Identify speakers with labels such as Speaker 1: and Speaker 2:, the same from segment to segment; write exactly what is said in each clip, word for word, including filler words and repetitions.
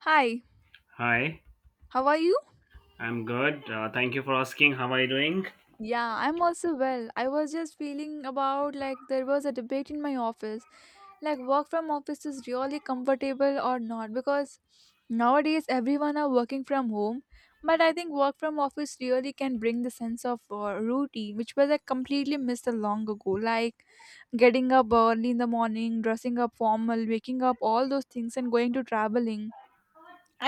Speaker 1: Hi,
Speaker 2: Hi,
Speaker 1: how are you?
Speaker 2: I'm good. Uh, thank you for asking. How are you doing?
Speaker 1: Yeah, I'm also well. I was just feeling about like there was a debate in my office. Like work from office is really comfortable or not because nowadays everyone are working from home, but I think work from office really can bring the sense of uh, routine which was like completely missed a long ago. Like getting up early in the morning, dressing up formal, waking up, all those things and going to traveling,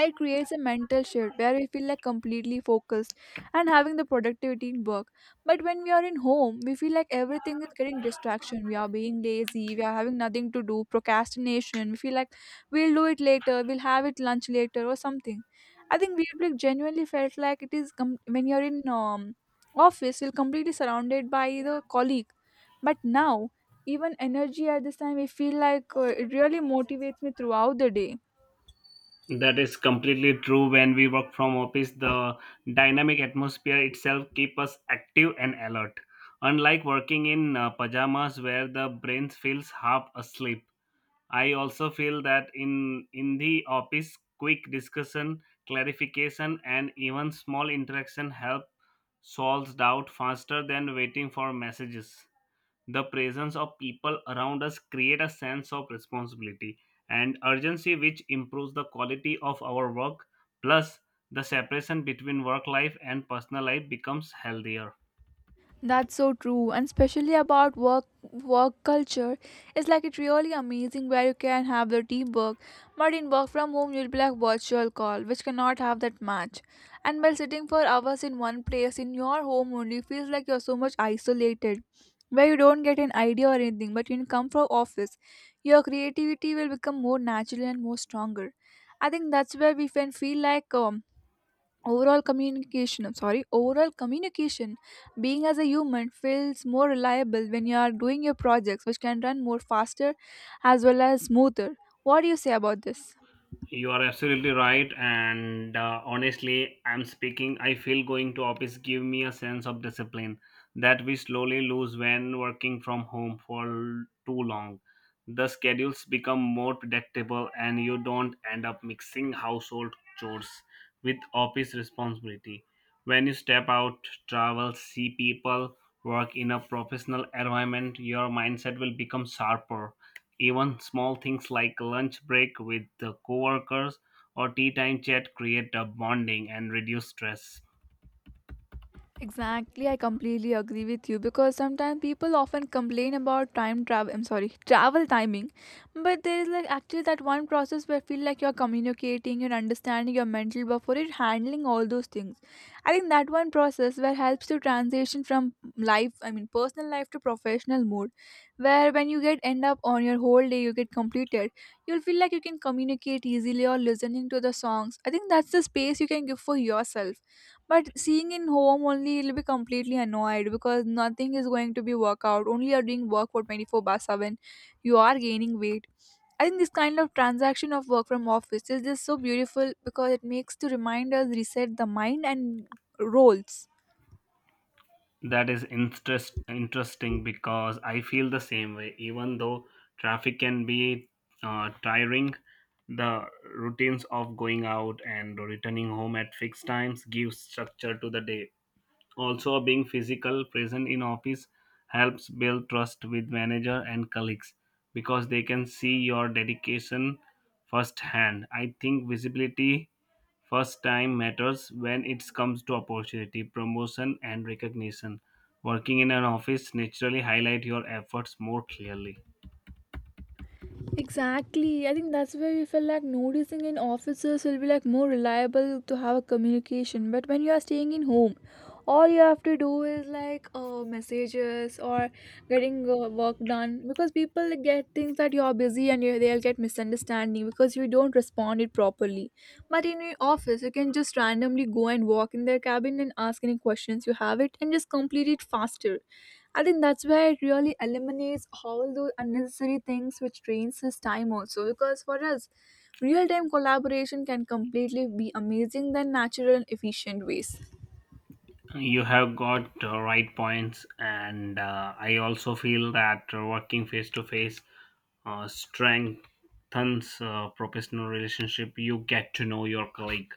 Speaker 1: it creates a mental shift where we feel like completely focused and having the productivity in work. But when we are in home we feel like everything is getting distraction, we are being lazy, we are having nothing to do, procrastination, we feel like we'll do it later, we'll have it lunch later or something. I think we like genuinely felt like it is com- when you're in um, office you're completely surrounded by the colleague. But now even energy at this time we feel like uh, it really motivates me throughout the day.
Speaker 2: That is completely true. When we work from office, the dynamic atmosphere itself keep us active and alert. Unlike working in uh, pajamas where the brain feels half asleep, I also feel that in in the office, quick discussion, clarification, and even small interaction help solves doubt faster than waiting for messages. The presence of people around us create a sense of responsibility and urgency which improves the quality of our work. Plus, the separation between work life and personal life becomes healthier.
Speaker 1: That's so true, and especially about work work culture, it's like it's really amazing where you can have the teamwork, but in work from home you'll be like virtual call, which cannot have that match. And by sitting for hours in one place in your home only feels like you're so much isolated, where you don't get an idea or anything. But when you come from office, your creativity will become more natural and more stronger. I think that's where we can feel like um, overall communication, I'm sorry, overall communication being as a human feels more reliable when you are doing your projects which can run more faster as well as smoother. What do you say about this?
Speaker 2: You are absolutely right, and uh, honestly, I'm speaking. I feel going to office give me a sense of discipline that we slowly lose when working from home for l- too long. The schedules become more predictable, and you don't end up mixing household chores with office responsibility. When you step out, travel, see people, work in a professional environment, your mindset will become sharper. Even small things like lunch break with the coworkers or tea time chat create a bonding and reduce stress.
Speaker 1: Exactly, I completely agree with you because sometimes people often complain about time travel. I'm sorry, travel timing, but there is like actually that one process where I feel like you're communicating, you're understanding your mental before you're handling all those things. I think that one process where helps to transition from life, I mean personal life to professional mode, where when you get end up on your whole day, you get completed, you'll feel like you can communicate easily or listening to the songs. I think that's the space you can give for yourself, but seeing in home only, it'll be completely annoyed because nothing is going to be workout. Only you're doing work for twenty four by seven. You are gaining weight. I think this kind of transaction of work from office is just so beautiful because it makes to remind us reset the mind and roles.
Speaker 2: That is interest, interesting because I feel the same way. Even though traffic can be uh, tiring, the routines of going out and returning home at fixed times give structure to the day. Also, being physical present in office helps build trust with manager and colleagues because they can see your dedication firsthand. I think visibility first time matters when it comes to opportunity, promotion, and recognition. Working in an office naturally highlight your efforts more clearly.
Speaker 1: Exactly. I think that's where we feel like noticing in offices will be like more reliable to have a communication. But when you are staying in home, all you have to do is like uh, messages or getting uh, work done because people get things that you're busy and you, they'll get misunderstanding because you don't respond it properly. But in your office, you can just randomly go and walk in their cabin and ask any questions you have it and just complete it faster. I think that's where it really eliminates all those unnecessary things which drains his time also. Because for us, real time collaboration can completely be amazing than natural and efficient ways.
Speaker 2: You have got uh, right points, and uh, I also feel that uh, working face to face uh, strengthens uh, professional relationship. You get to know your colleague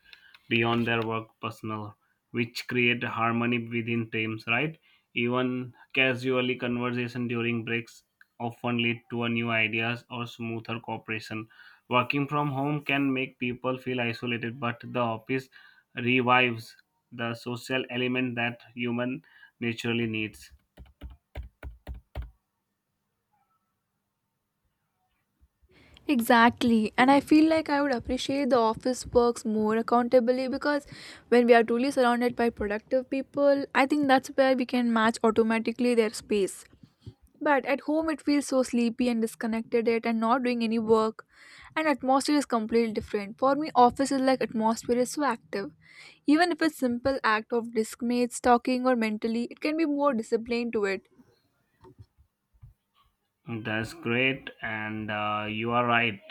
Speaker 2: beyond their work personal, which create harmony within teams. Right? Even casually conversation during breaks often lead to a new ideas or smoother cooperation. Working from home can make people feel isolated, but the office revives the social element that human naturally needs.
Speaker 1: Exactly. And I feel like I would appreciate the office works more accountably because when we are truly surrounded by productive people, I think that's where we can match automatically their space. But at home, it feels so sleepy and disconnected yet and not doing any work. And atmosphere is completely different. For me, office is like atmosphere is so active. Even if it's simple act of discmates, talking or mentally, it can be more disciplined to it.
Speaker 2: That's great, and uh, you are right.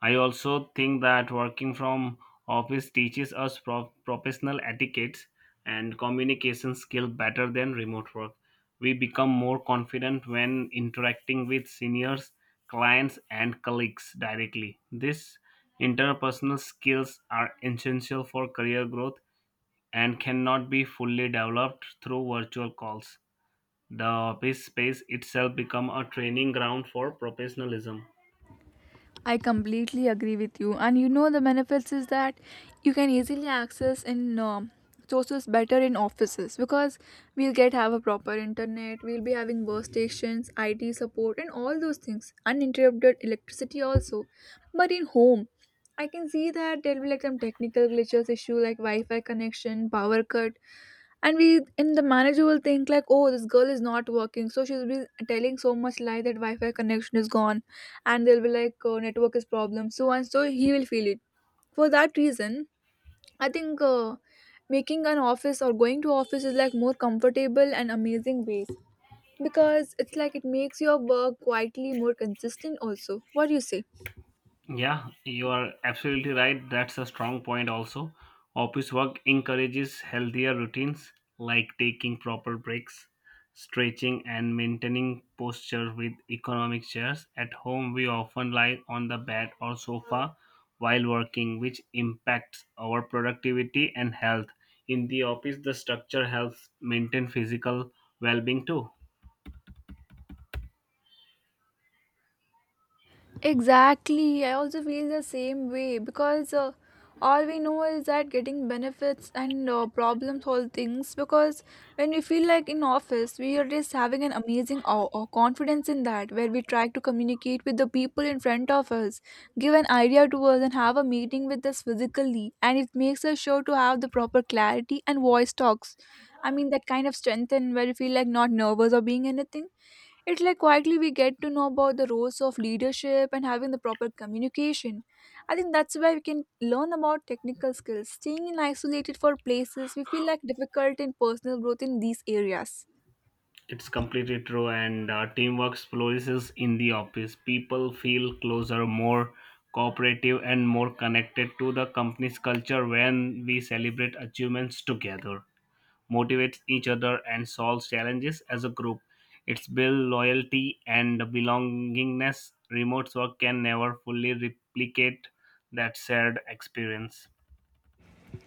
Speaker 2: I also think that working from office teaches us pro- professional etiquettes and communication skill better than remote work. We become more confident when interacting with seniors, clients, and colleagues directly. These interpersonal skills are essential for career growth and cannot be fully developed through virtual calls. The office space itself become a training ground for professionalism.
Speaker 1: I completely agree with you. And you know, the benefits is that you can easily access in um, sources better in offices because we'll get have a proper internet, we'll be having workstations, I T support, and all those things, uninterrupted electricity also. But in home, I can see that there'll be like some technical glitches issue like Wi-Fi connection, power cut, and we in the manager will think like, oh, this girl is not working, so she's been telling so much lie that wi-fi connection is gone, and they'll be like, oh, network is problem, so and so he will feel it. For that reason, I think uh, making an office or going to office is like more comfortable and amazing ways because it's like it makes your work quietly more consistent also. What do you say?
Speaker 2: Yeah, you are absolutely right. That's a strong point also. Office work encourages healthier routines like taking proper breaks, stretching and maintaining posture with economic chairs. At home we often lie on the bed or sofa while working which impacts our productivity and health. In the office the structure helps maintain physical well-being too.
Speaker 1: Exactly. I also feel the same way because uh, all we know is that getting benefits and uh, problem solve things. Because when we feel like in office, we are just having an amazing awe or confidence in that, where we try to communicate with the people in front of us, give an idea to us, and have a meeting with us physically. And it makes us sure to have the proper clarity and voice talks. I mean, that kind of strength and where you feel like not nervous or being anything. It's like quietly we get to know about the roles of leadership and having the proper communication. I think that's why we can learn about technical skills. Staying in isolated for places we feel like difficult in personal growth in these areas.
Speaker 2: It's completely true, and uh, teamwork flourishes in the office. People feel closer, more cooperative, and more connected to the company's culture when we celebrate achievements together, motivate each other, and solve challenges as a group. It's build loyalty and belongingness. Remote work can never fully replicate that shared experience.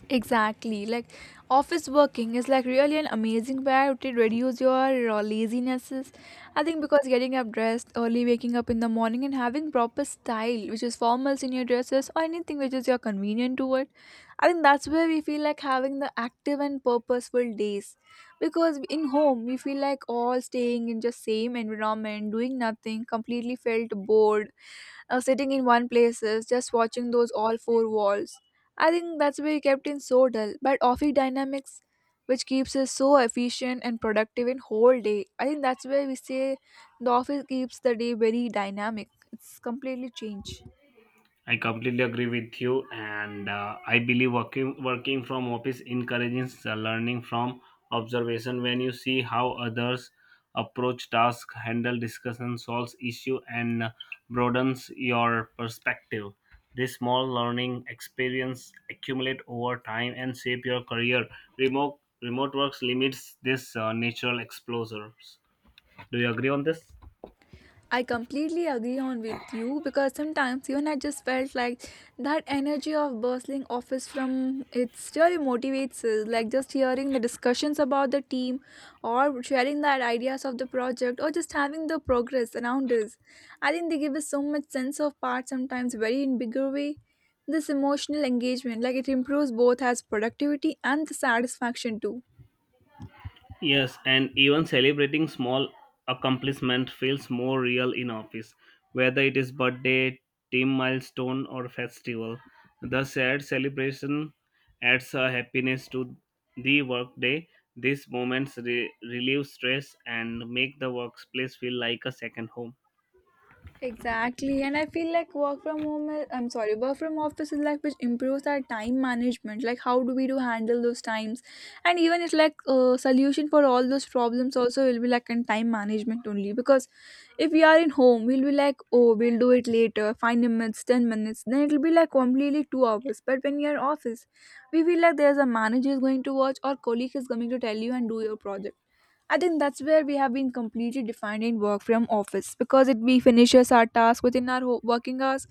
Speaker 1: Exactly. Like office working is like really an amazing way to reduce your uh, lazinesses. I think because getting up dressed early, waking up in the morning, and having proper style, which is formals in your dresses or anything which is your convenient to it. I think that's where we feel like having the active and purposeful days. Because in home we feel like all staying in just same environment, doing nothing, completely felt bored, uh, sitting in one places, just watching those all four walls. I think that's why we kept in so dull, but office dynamics, which keeps us so efficient and productive in whole day. I think that's why we say the office keeps the day very dynamic. It's completely changed.
Speaker 2: I completely agree with you, and uh, I believe working working from office encourages uh, learning from observation. When you see how others approach tasks, handle discussion, solves issue, and uh, broadens your perspective. This small learning experience accumulate over time and shape your career. Remote remote works limits this uh, natural exposures. Do you agree on this?
Speaker 1: I completely agree on with you because sometimes even I just felt like that energy of bustling office from it's really motivates us. Like just hearing the discussions about the team or sharing the ideas of the project or just having the progress around us. I think they give us so much sense of part sometimes very in bigger way. This emotional engagement, like it improves both as productivity and the satisfaction too.
Speaker 2: Yes, and even celebrating small accomplishment feels more real in office, whether it is birthday, team milestone, or festival. The shared celebration adds a happiness to the workday. These moments re- relieve stress and make the workplace feel like a second home.
Speaker 1: Exactly, and I feel like work from home. Is, I'm sorry, work from office is like which improves our time management. Like how do we do handle those times, and even it's like a solution for all those problems. Also, will be like in time management only because if we are in home, we'll be like, oh, we'll do it later, five minutes, ten minutes. Then it'll be like completely two hours. But when you're in office, we feel like there's a manager is going to watch or colleague is coming to tell you and do your project. I think that's where we have been completely defining work from office because it we finishes our task within our ho- working hours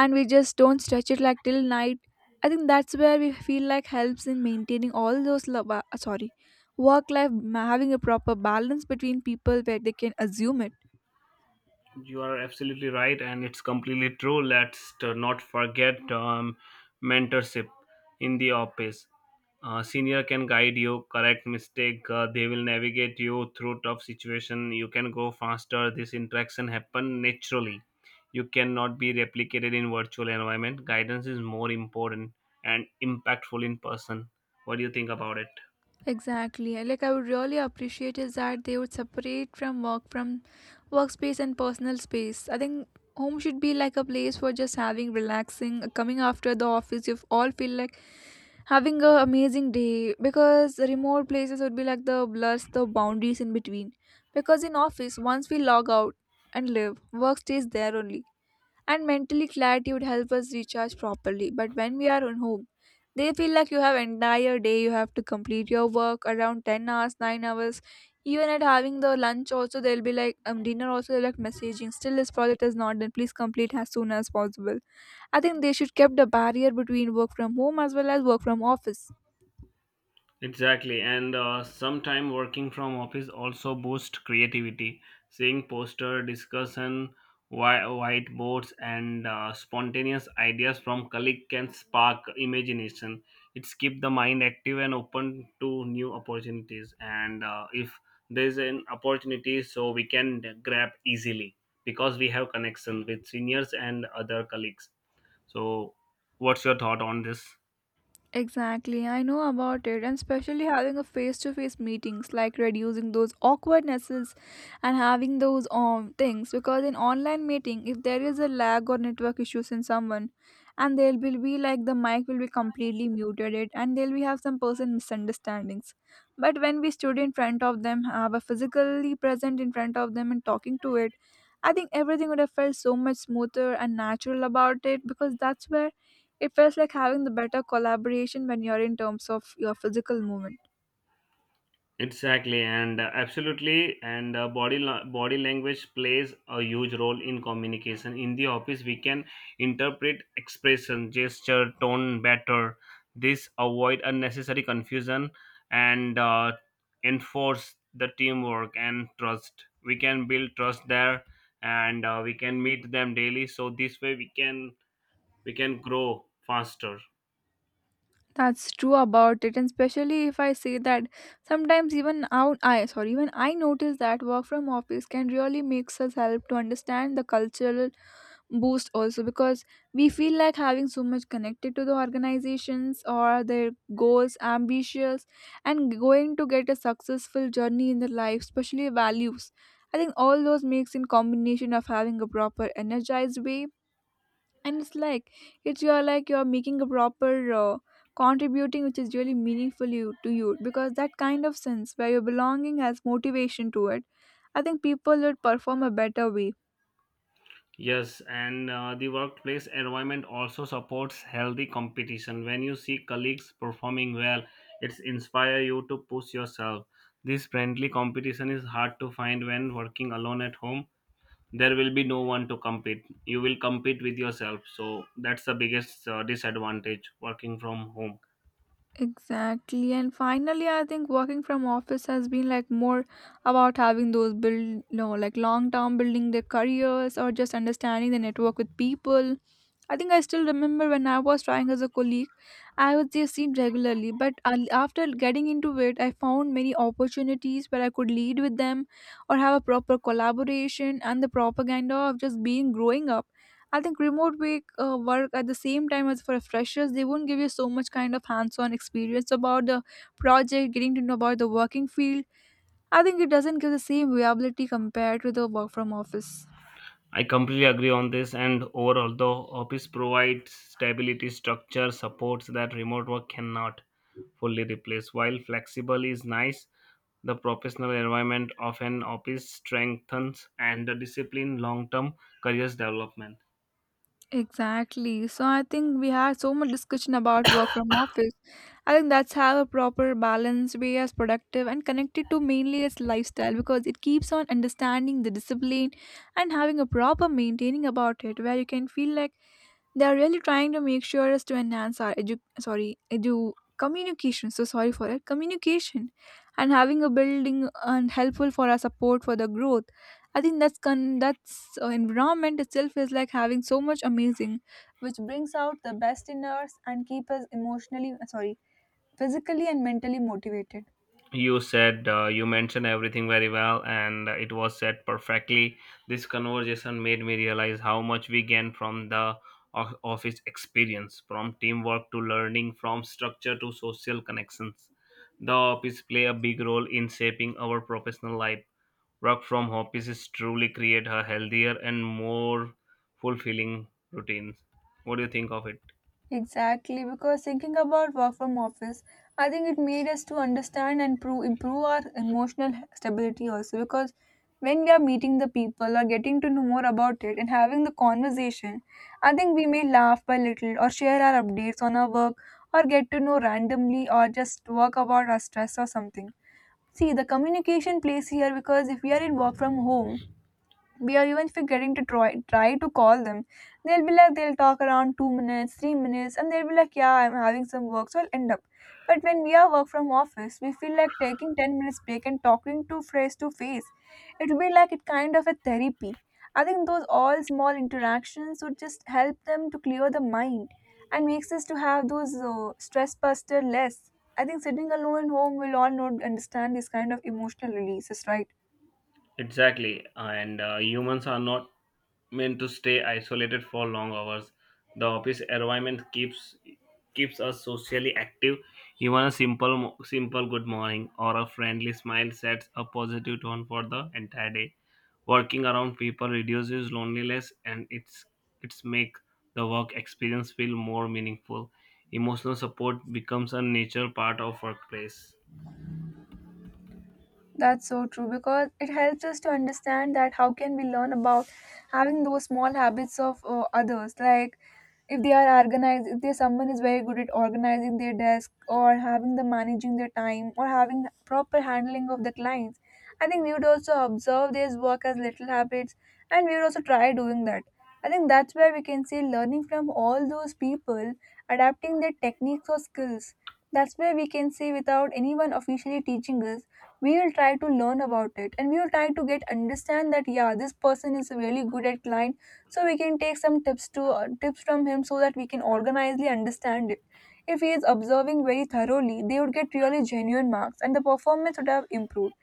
Speaker 1: and we just don't stretch it like till night. I think that's where we feel like helps in maintaining all those lo- ba- uh, sorry work life ma- having a proper balance between people where they can assume it.
Speaker 2: You are absolutely right, and it's completely true. Let's t- not forget um, mentorship in the office. Uh, senior can guide you, correct mistake. Uh, they will navigate you through tough situation. You can go faster. This interaction happen naturally. You cannot be replicated in virtual environment. Guidance is more important and impactful in person. What do you think about it?
Speaker 1: Exactly. And, like, I would really appreciate is that they would separate from work from workspace and personal space. I think home should be like a place for just having relaxing, uh, coming after the office. You all feel like having a amazing day because remote places would be like the blurs the boundaries in between. Because in office, once we log out and live, work stays there only and mentally clarity would help us recharge properly. But when we are on home, they feel like you have entire day, you have to complete your work around ten hours, nine hours. Even at having the lunch also, they'll be like, um, dinner also, they're like messaging, still this project is not done, please complete as soon as possible. I think they should kept a barrier between work from home as well as work from office.
Speaker 2: Exactly, and uh, sometime working from office also boosts creativity. Seeing poster discussion, wi- whiteboards, and uh, spontaneous ideas from colleague can spark imagination. It's keep the mind active and open to new opportunities. And uh, if there's an opportunity, so we can grab easily because we have connection with seniors and other colleagues. So, what's your thought on this?
Speaker 1: Exactly, I know about it, and especially having a face-to-face meetings, like reducing those awkwardnesses and having those um things. Because in online meeting, if there is a lag or network issues in someone, and there will be like the mic will be completely muted, it and they will be have some person misunderstandings. But when we stood in front of them, have a physically present in front of them and talking to it, I think everything would have felt so much smoother and natural about it because that's where it felt like having the better collaboration when you're in terms of your physical movement.
Speaker 2: Exactly, and uh, absolutely, and uh, body la- body language plays a huge role in communication. In the office, we can interpret expression, gesture, tone better. This avoid unnecessary confusion and uh, enforce the teamwork and trust. We can build trust there, and uh, we can meet them daily. So this way, we can we can grow faster.
Speaker 1: That's true about it, and especially if I say that sometimes even out I sorry even I notice that work from office can really makes us help to understand the cultural boost also because we feel like having so much connected to the organizations or their goals, ambitions, and going to get a successful journey in their life, especially values. I think all those makes in combination of having a proper energized way and it's like it's you're like you're making a proper uh, contributing which is really meaningful you to you because that kind of sense where your belonging has motivation to it. I think people would perform a better way.
Speaker 2: Yes, and uh, the workplace environment also supports healthy competition. When you see colleagues performing well, it's inspire you to push yourself. This friendly competition is hard to find when working alone at home. There will be no one to compete. You will compete with yourself. So that's the biggest uh, disadvantage working from home.
Speaker 1: Exactly. And finally, I think working from office has been like more about having those build, no, like long term building their careers or just understanding the network with people. I think I still remember when I was trying as a colleague, I was just seen regularly. But al- after getting into it, I found many opportunities where I could lead with them or have a proper collaboration and the propaganda of just being growing up. I think remote week uh, work at the same time as for freshers, they won't give you so much kind of hands-on experience about the project, getting to know about the working field. I think it doesn't give the same viability compared to the work from office.
Speaker 2: I completely agree on this, and overall, the office provides stability, structure, supports that remote work cannot fully replace. While flexible is nice, the professional environment of an office strengthens and the discipline long term careers development.
Speaker 1: Exactly. So I think we had so much discussion about work from office. I think that's how a proper balance way as productive and connected to mainly its lifestyle because it keeps on understanding the discipline and having a proper maintaining about it where you can feel like they are really trying to make sure us to enhance our edu sorry edu communication. So sorry for that communication, and having a building and helpful for our support for the growth. I think that's con- that's uh, environment itself is like having so much amazing, which brings out the best in us and keep us emotionally sorry physically and mentally motivated.
Speaker 2: You said uh, you mentioned everything very well, and uh, it was said perfectly. This conversation made me realize how much we gain from the o- office experience, from teamwork to learning, from structure to social connections. The office play a big role in shaping our professional life. Work from offices truly create a healthier and more fulfilling routines. What do you think of it?
Speaker 1: Exactly, because thinking about work from office, I think it made us to understand and pro- improve our emotional stability also. Because when we are meeting the people or getting to know more about it and having the conversation, I think we may laugh by little or share our updates on our work or get to know randomly or just talk about our stress or something. See, the communication plays here because if we are in work from home, we are even forgetting to try, try to call them. They'll be like they'll talk around two minutes three minutes and they'll be like yeah, I'm having some work, so I'll end up. But when we are work from office we feel like taking ten minutes break and talking to face to face, it'll be like it kind of a therapy. I think those all small interactions would just help them to clear the mind and makes us to have those uh, stress buster less. I think sitting alone at home will all not understand this kind of emotional releases, right?
Speaker 2: Exactly, and uh, humans are not meant to stay isolated for long hours. The office environment keeps keeps us socially active. Even a simple mo- simple good morning or a friendly smile sets a positive tone for the entire day. Working around people reduces loneliness and it's it's make the work experience feel more meaningful. Emotional support becomes a natural part of workplace.
Speaker 1: That's so true because it helps us to understand that how can we learn about having those small habits of uh, others. Like, if they are organized, if there's someone is very good at organizing their desk or having the managing their time or having proper handling of the clients, I think we would also observe their work as little habits and we would also try doing that. I think that's where we can see learning from all those people, adapting their techniques or skills. That's where we can see without anyone officially teaching us, we will try to learn about it and we will try to get understand that yeah this person is really good at client, so we can take some tips to uh, tips from him so that we can organizedly understand it. If he is observing very thoroughly they would get really genuine marks and the performance would have improved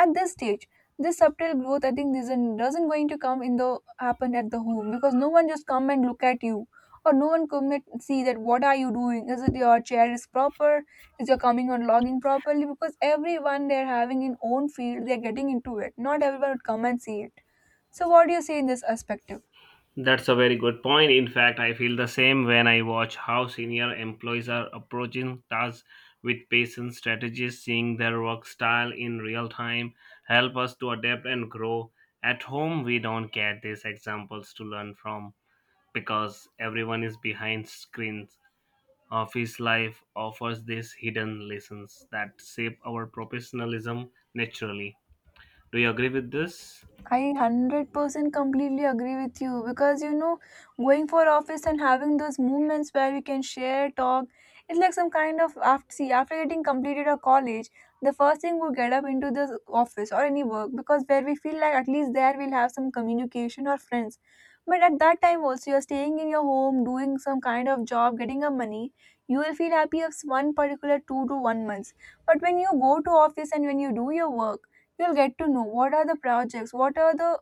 Speaker 1: at this stage. This subtle growth I think isn't doesn't going to come in the happen at the home because no one just come and look at you or no one come and see that what are you doing, is it your chair is proper, is you're coming on logging properly, because everyone they're having in own field they're getting into it, not everyone would come and see it. So what do you say in this aspect?
Speaker 2: That's a very good point. In fact, I feel the same when I watch how senior employees are approaching tasks with patience strategies, seeing their work style in real time, help us to adapt and grow. At home, we don't get these examples to learn from because everyone is behind screens. Office life offers these hidden lessons that shape our professionalism naturally. Do you agree with this?
Speaker 1: I one hundred percent completely agree with you because you know, going for office and having those moments where we can share, talk, it's like some kind of after see after getting completed a college, the first thing we get up into the office or any work because where we feel like at least there we'll have some communication or friends. But at that time also you're staying in your home, doing some kind of job, getting a money, you will feel happy of one particular two to one months. But when you go to office and when you do your work you'll get to know what are the projects, what are the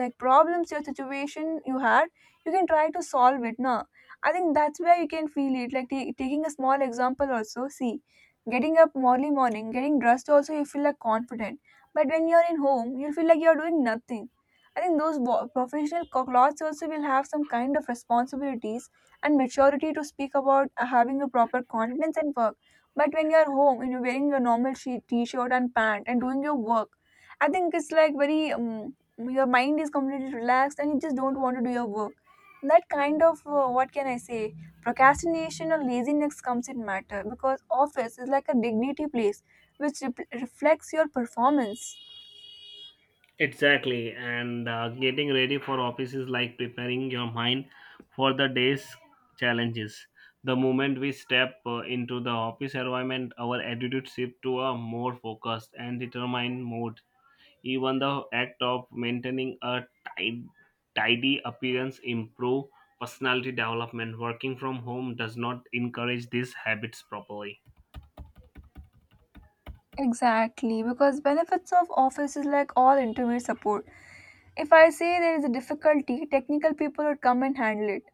Speaker 1: like problems your situation you had, you can try to solve it. No, I think that's where you can feel it like ta- taking a small example also, see, getting up early morning getting dressed also you feel like confident, but when you're in home you'll feel like you're doing nothing. I think those wo- professional co- clothes also will have some kind of responsibilities and maturity to speak about, uh, having a proper confidence and work. But when you're home and you're wearing a normal she- t-shirt and pant and doing your work, I think it's like very um, your mind is completely relaxed and you just don't want to do your work. That kind of uh, what can I say, procrastination or laziness comes in matter because office is like a dignity place which rep- reflects your performance.
Speaker 2: Exactly, and uh, getting ready for office is like preparing your mind for the day's challenges. The moment we step uh, into the office environment, our attitude shifts to a more focused and determined mode. Even the act of maintaining a tid- tidy appearance improve personality development. Working from home does not encourage these habits properly.
Speaker 1: Exactly, because benefits of office is like all interview support. If I say there is a difficulty, technical people would come and handle it,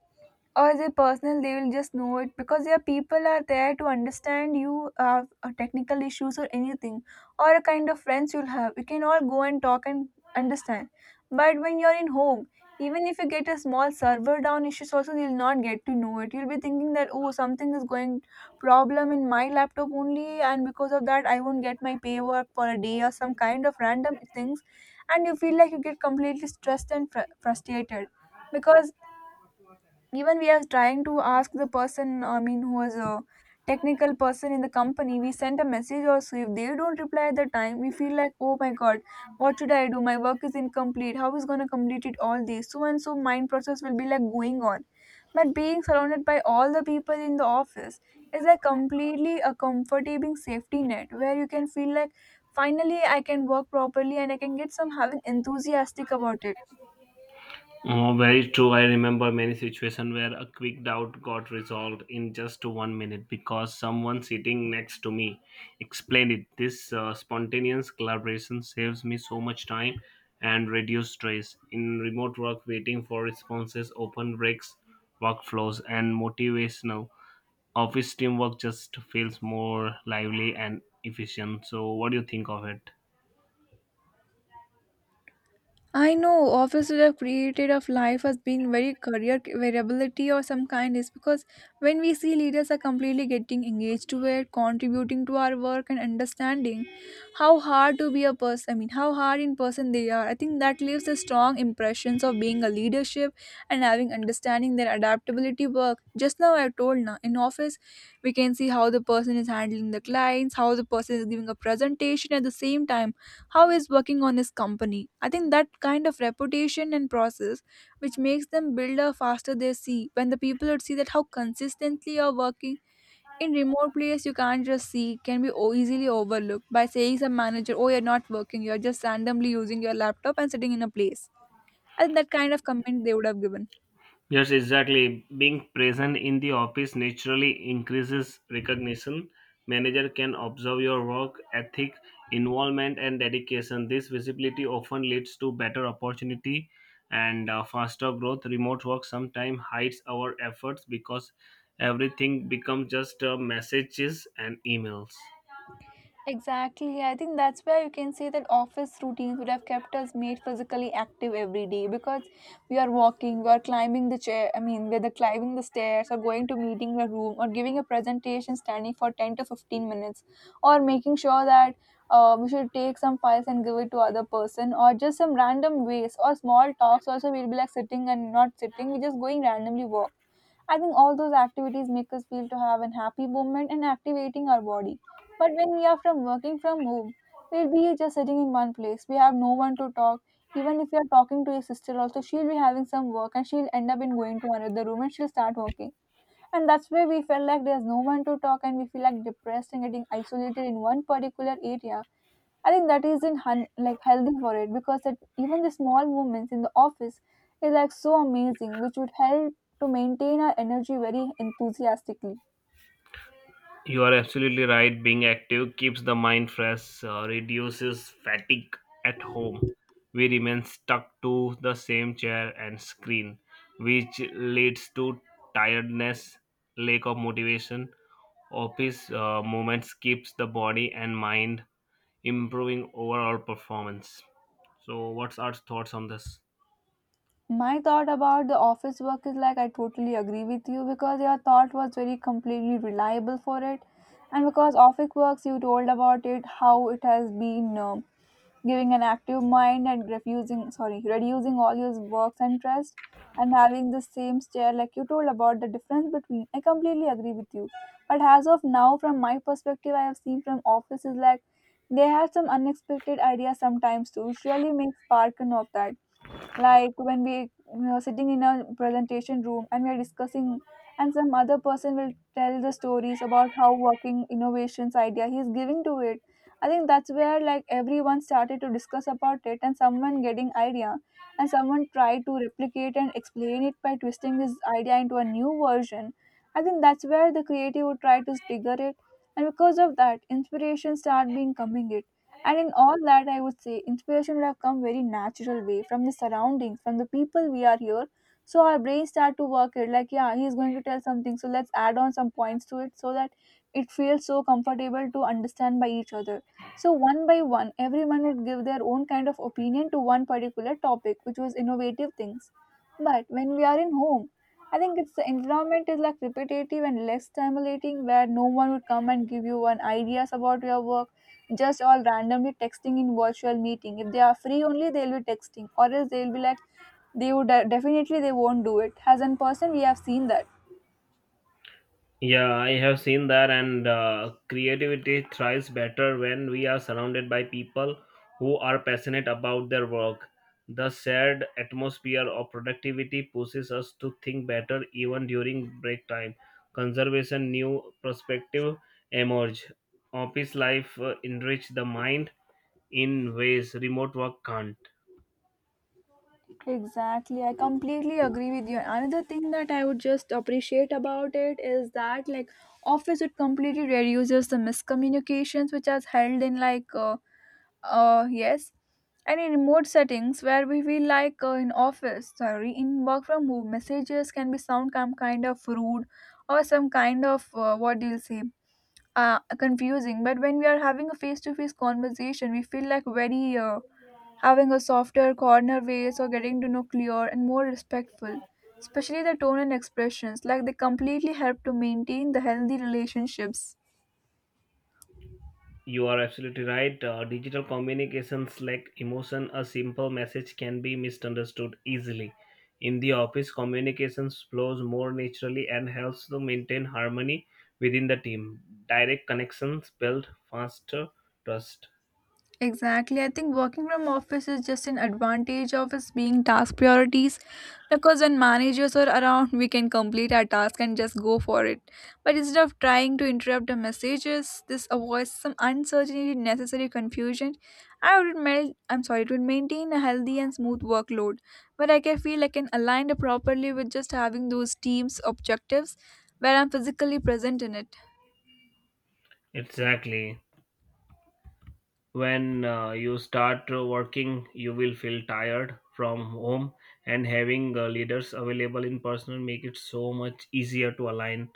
Speaker 1: or their personal they will just know it because their people are there to understand you uh, uh, technical issues or anything, or a kind of friends you'll have, you can all go and talk and understand. But when you're in home, even if you get a small server down issues also, you'll not get to know it, you'll be thinking that oh something is going problem in my laptop only and because of that I won't get my pay work for a day or some kind of random things, and you feel like you get completely stressed and fr- frustrated because even we are trying to ask the person, I mean who was a technical person in the company, we sent a message also, if they don't reply at the time we feel like oh my god, what should I do, my work is incomplete, how is going to complete it, all this so and so mind process will be like going on. But being surrounded by all the people in the office is like completely a comforting safety net where you can feel like finally I can work properly and I can get some having enthusiastic about it.
Speaker 2: Oh, very true. I remember many situations where a quick doubt got resolved in just one minute because someone sitting next to me explained it. This uh, spontaneous collaboration saves me so much time and reduce stress. In remote work, waiting for responses often breaks workflows and motivational. Office teamwork just feels more lively and efficient. So, what do you think of it?
Speaker 1: I know offices have created of life as being very career variability or some kind is because when we see leaders are completely getting engaged to it, contributing to our work and understanding how hard to be a person, I mean how hard in person they are. I think that leaves a strong impressions of being a leadership and having understanding their adaptability work. Just now I told, now in office we can see how the person is handling the clients, how the person is giving a presentation at the same time how he's working on his company. I think that kind of reputation and process which makes them build a faster, they see when the people would see that how consistently you're working. In remote place you can't just see, can be o- easily overlooked by saying some manager oh you're not working you're just randomly using your laptop and sitting in a place, and that kind of comment they would have given.
Speaker 2: Yes, exactly. Being present in the office naturally increases recognition. Manager can observe your work ethic involvement and dedication. This visibility often leads to better opportunity and uh, faster growth. Remote work sometimes hides our efforts because everything becomes just uh, messages and emails.
Speaker 1: Exactly. I think that's where you can say that office routines would have kept us made physically active every day because we are walking, we are climbing the chair, I mean, whether climbing the stairs or going to meeting the room or giving a presentation standing for ten to fifteen minutes or making sure that uh, we should take some files and give it to other person or just some random ways or small talks also we'll be like sitting and not sitting, we're just going randomly walk. I think all those activities make us feel to have a happy moment and activating our body. But when we are from working from home, we'll be just sitting in one place. We have no one to talk. Even if you are talking to your sister also, she'll be having some work and she'll end up in going to another room and she'll start working. And that's where we felt like there's no one to talk and we feel like depressed and getting isolated in one particular area. I think that is in hun- like healthy for it because it, even the small movements in the office is like so amazing, which would help to maintain our energy very enthusiastically.
Speaker 2: You are absolutely right. Being active keeps the mind fresh, uh, reduces fatigue at home. We remain stuck to the same chair and screen, which leads to tiredness, lack of motivation. Office uh, movements keeps the body and mind improving overall performance. So, what's our thoughts on this?
Speaker 1: My thought about the office work is like I totally agree with you because your thought was very completely reliable for it, and because office works you told about it how it has been uh, giving an active mind and refusing sorry reducing all your works and stress and having the same stare like you told about the difference between I completely agree with you, but as of now from my perspective I have seen from offices like they have some unexpected ideas sometimes too which really makes spark and of that, like when we are sitting in a presentation room and we are discussing and some other person will tell the stories about how working innovations idea he is giving to it. I think that's where like everyone started to discuss about it and someone getting idea and someone tried to replicate and explain it by twisting his idea into a new version. I think that's where the creative would try to trigger it, and because of that inspiration start being coming it, and in all that, I would say inspiration would have come very natural way from the surroundings, from the people we are here. So our brain start to work it like, yeah, he's going to tell something. So let's add on some points to it so that it feels so comfortable to understand by each other. So one by one, everyone would give their own kind of opinion to one particular topic, which was innovative things. But when we are in home, I think it's the environment is like repetitive and less stimulating, where no one would come and give you one ideas about your work, just all randomly texting in virtual meeting. If they are free only they'll be texting, or else they'll be like they would, uh, definitely they won't do it as in person. We have seen that.
Speaker 2: Yeah, I have seen that, and uh, creativity thrives better when we are surrounded by people who are passionate about their work. The shared atmosphere of productivity pushes us to think better even during break time. Conservation, new perspective emerge. Office life uh, enrich the mind in ways remote work can't.
Speaker 1: Exactly, I completely agree with you. Another thing that I would just appreciate about it is that like office it completely reduces the miscommunications which has held in like uh, uh, yes. And in remote settings where we feel like uh, in office, sorry, in work from home, messages can be sound some kind of rude or some kind of uh, what do you say, uh, confusing. But when we are having a face-to-face conversation, we feel like very uh, having a softer corner ways or getting to know clear and more respectful. Especially the tone and expressions, like they completely help to maintain the healthy relationships.
Speaker 2: You are absolutely right. Uh, digital communications like emotion, a simple message can be misunderstood easily. In the office, communications flows more naturally and helps to maintain harmony within the team. Direct connections build faster trust.
Speaker 1: Exactly. I think working from office is just an advantage of us being task priorities because when managers are around, we can complete our task and just go for it. But instead of trying to interrupt the messages, this avoids some uncertainty, necessary confusion. I would mel- I'm sorry, it would maintain a healthy and smooth workload. But like, I can feel I can align it properly with just having those teams objectives where I'm physically present in it.
Speaker 2: Exactly. When uh, you start uh, working, you will feel tired from home, and having uh, leaders available in person make it so much easier to align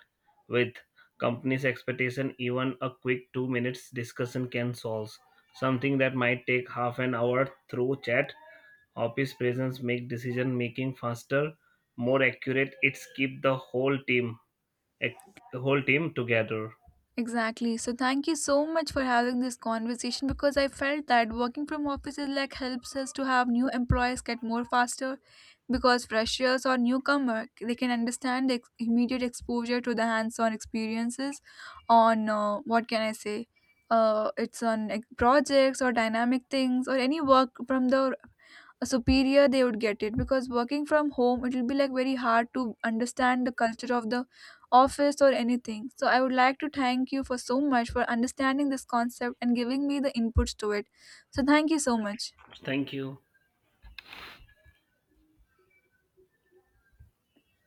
Speaker 2: with company's expectation. Even a quick two minutes discussion can solve something that might take half an hour through chat. Office presence make decision making faster, more accurate. It's keep the whole team, the whole team together.
Speaker 1: Exactly. So thank you so much for having this conversation because I felt that working from offices like helps us to have new employees get more faster because freshers or newcomer they can understand the ex- immediate exposure to the hands-on experiences on uh, what can I say, uh, it's on like, projects or dynamic things or any work from the superior they would get it because working from home it will be like very hard to understand the culture of the office or anything. So I would like to thank you for so much for understanding this concept and giving me the inputs to it. So thank you so much.
Speaker 2: Thank you.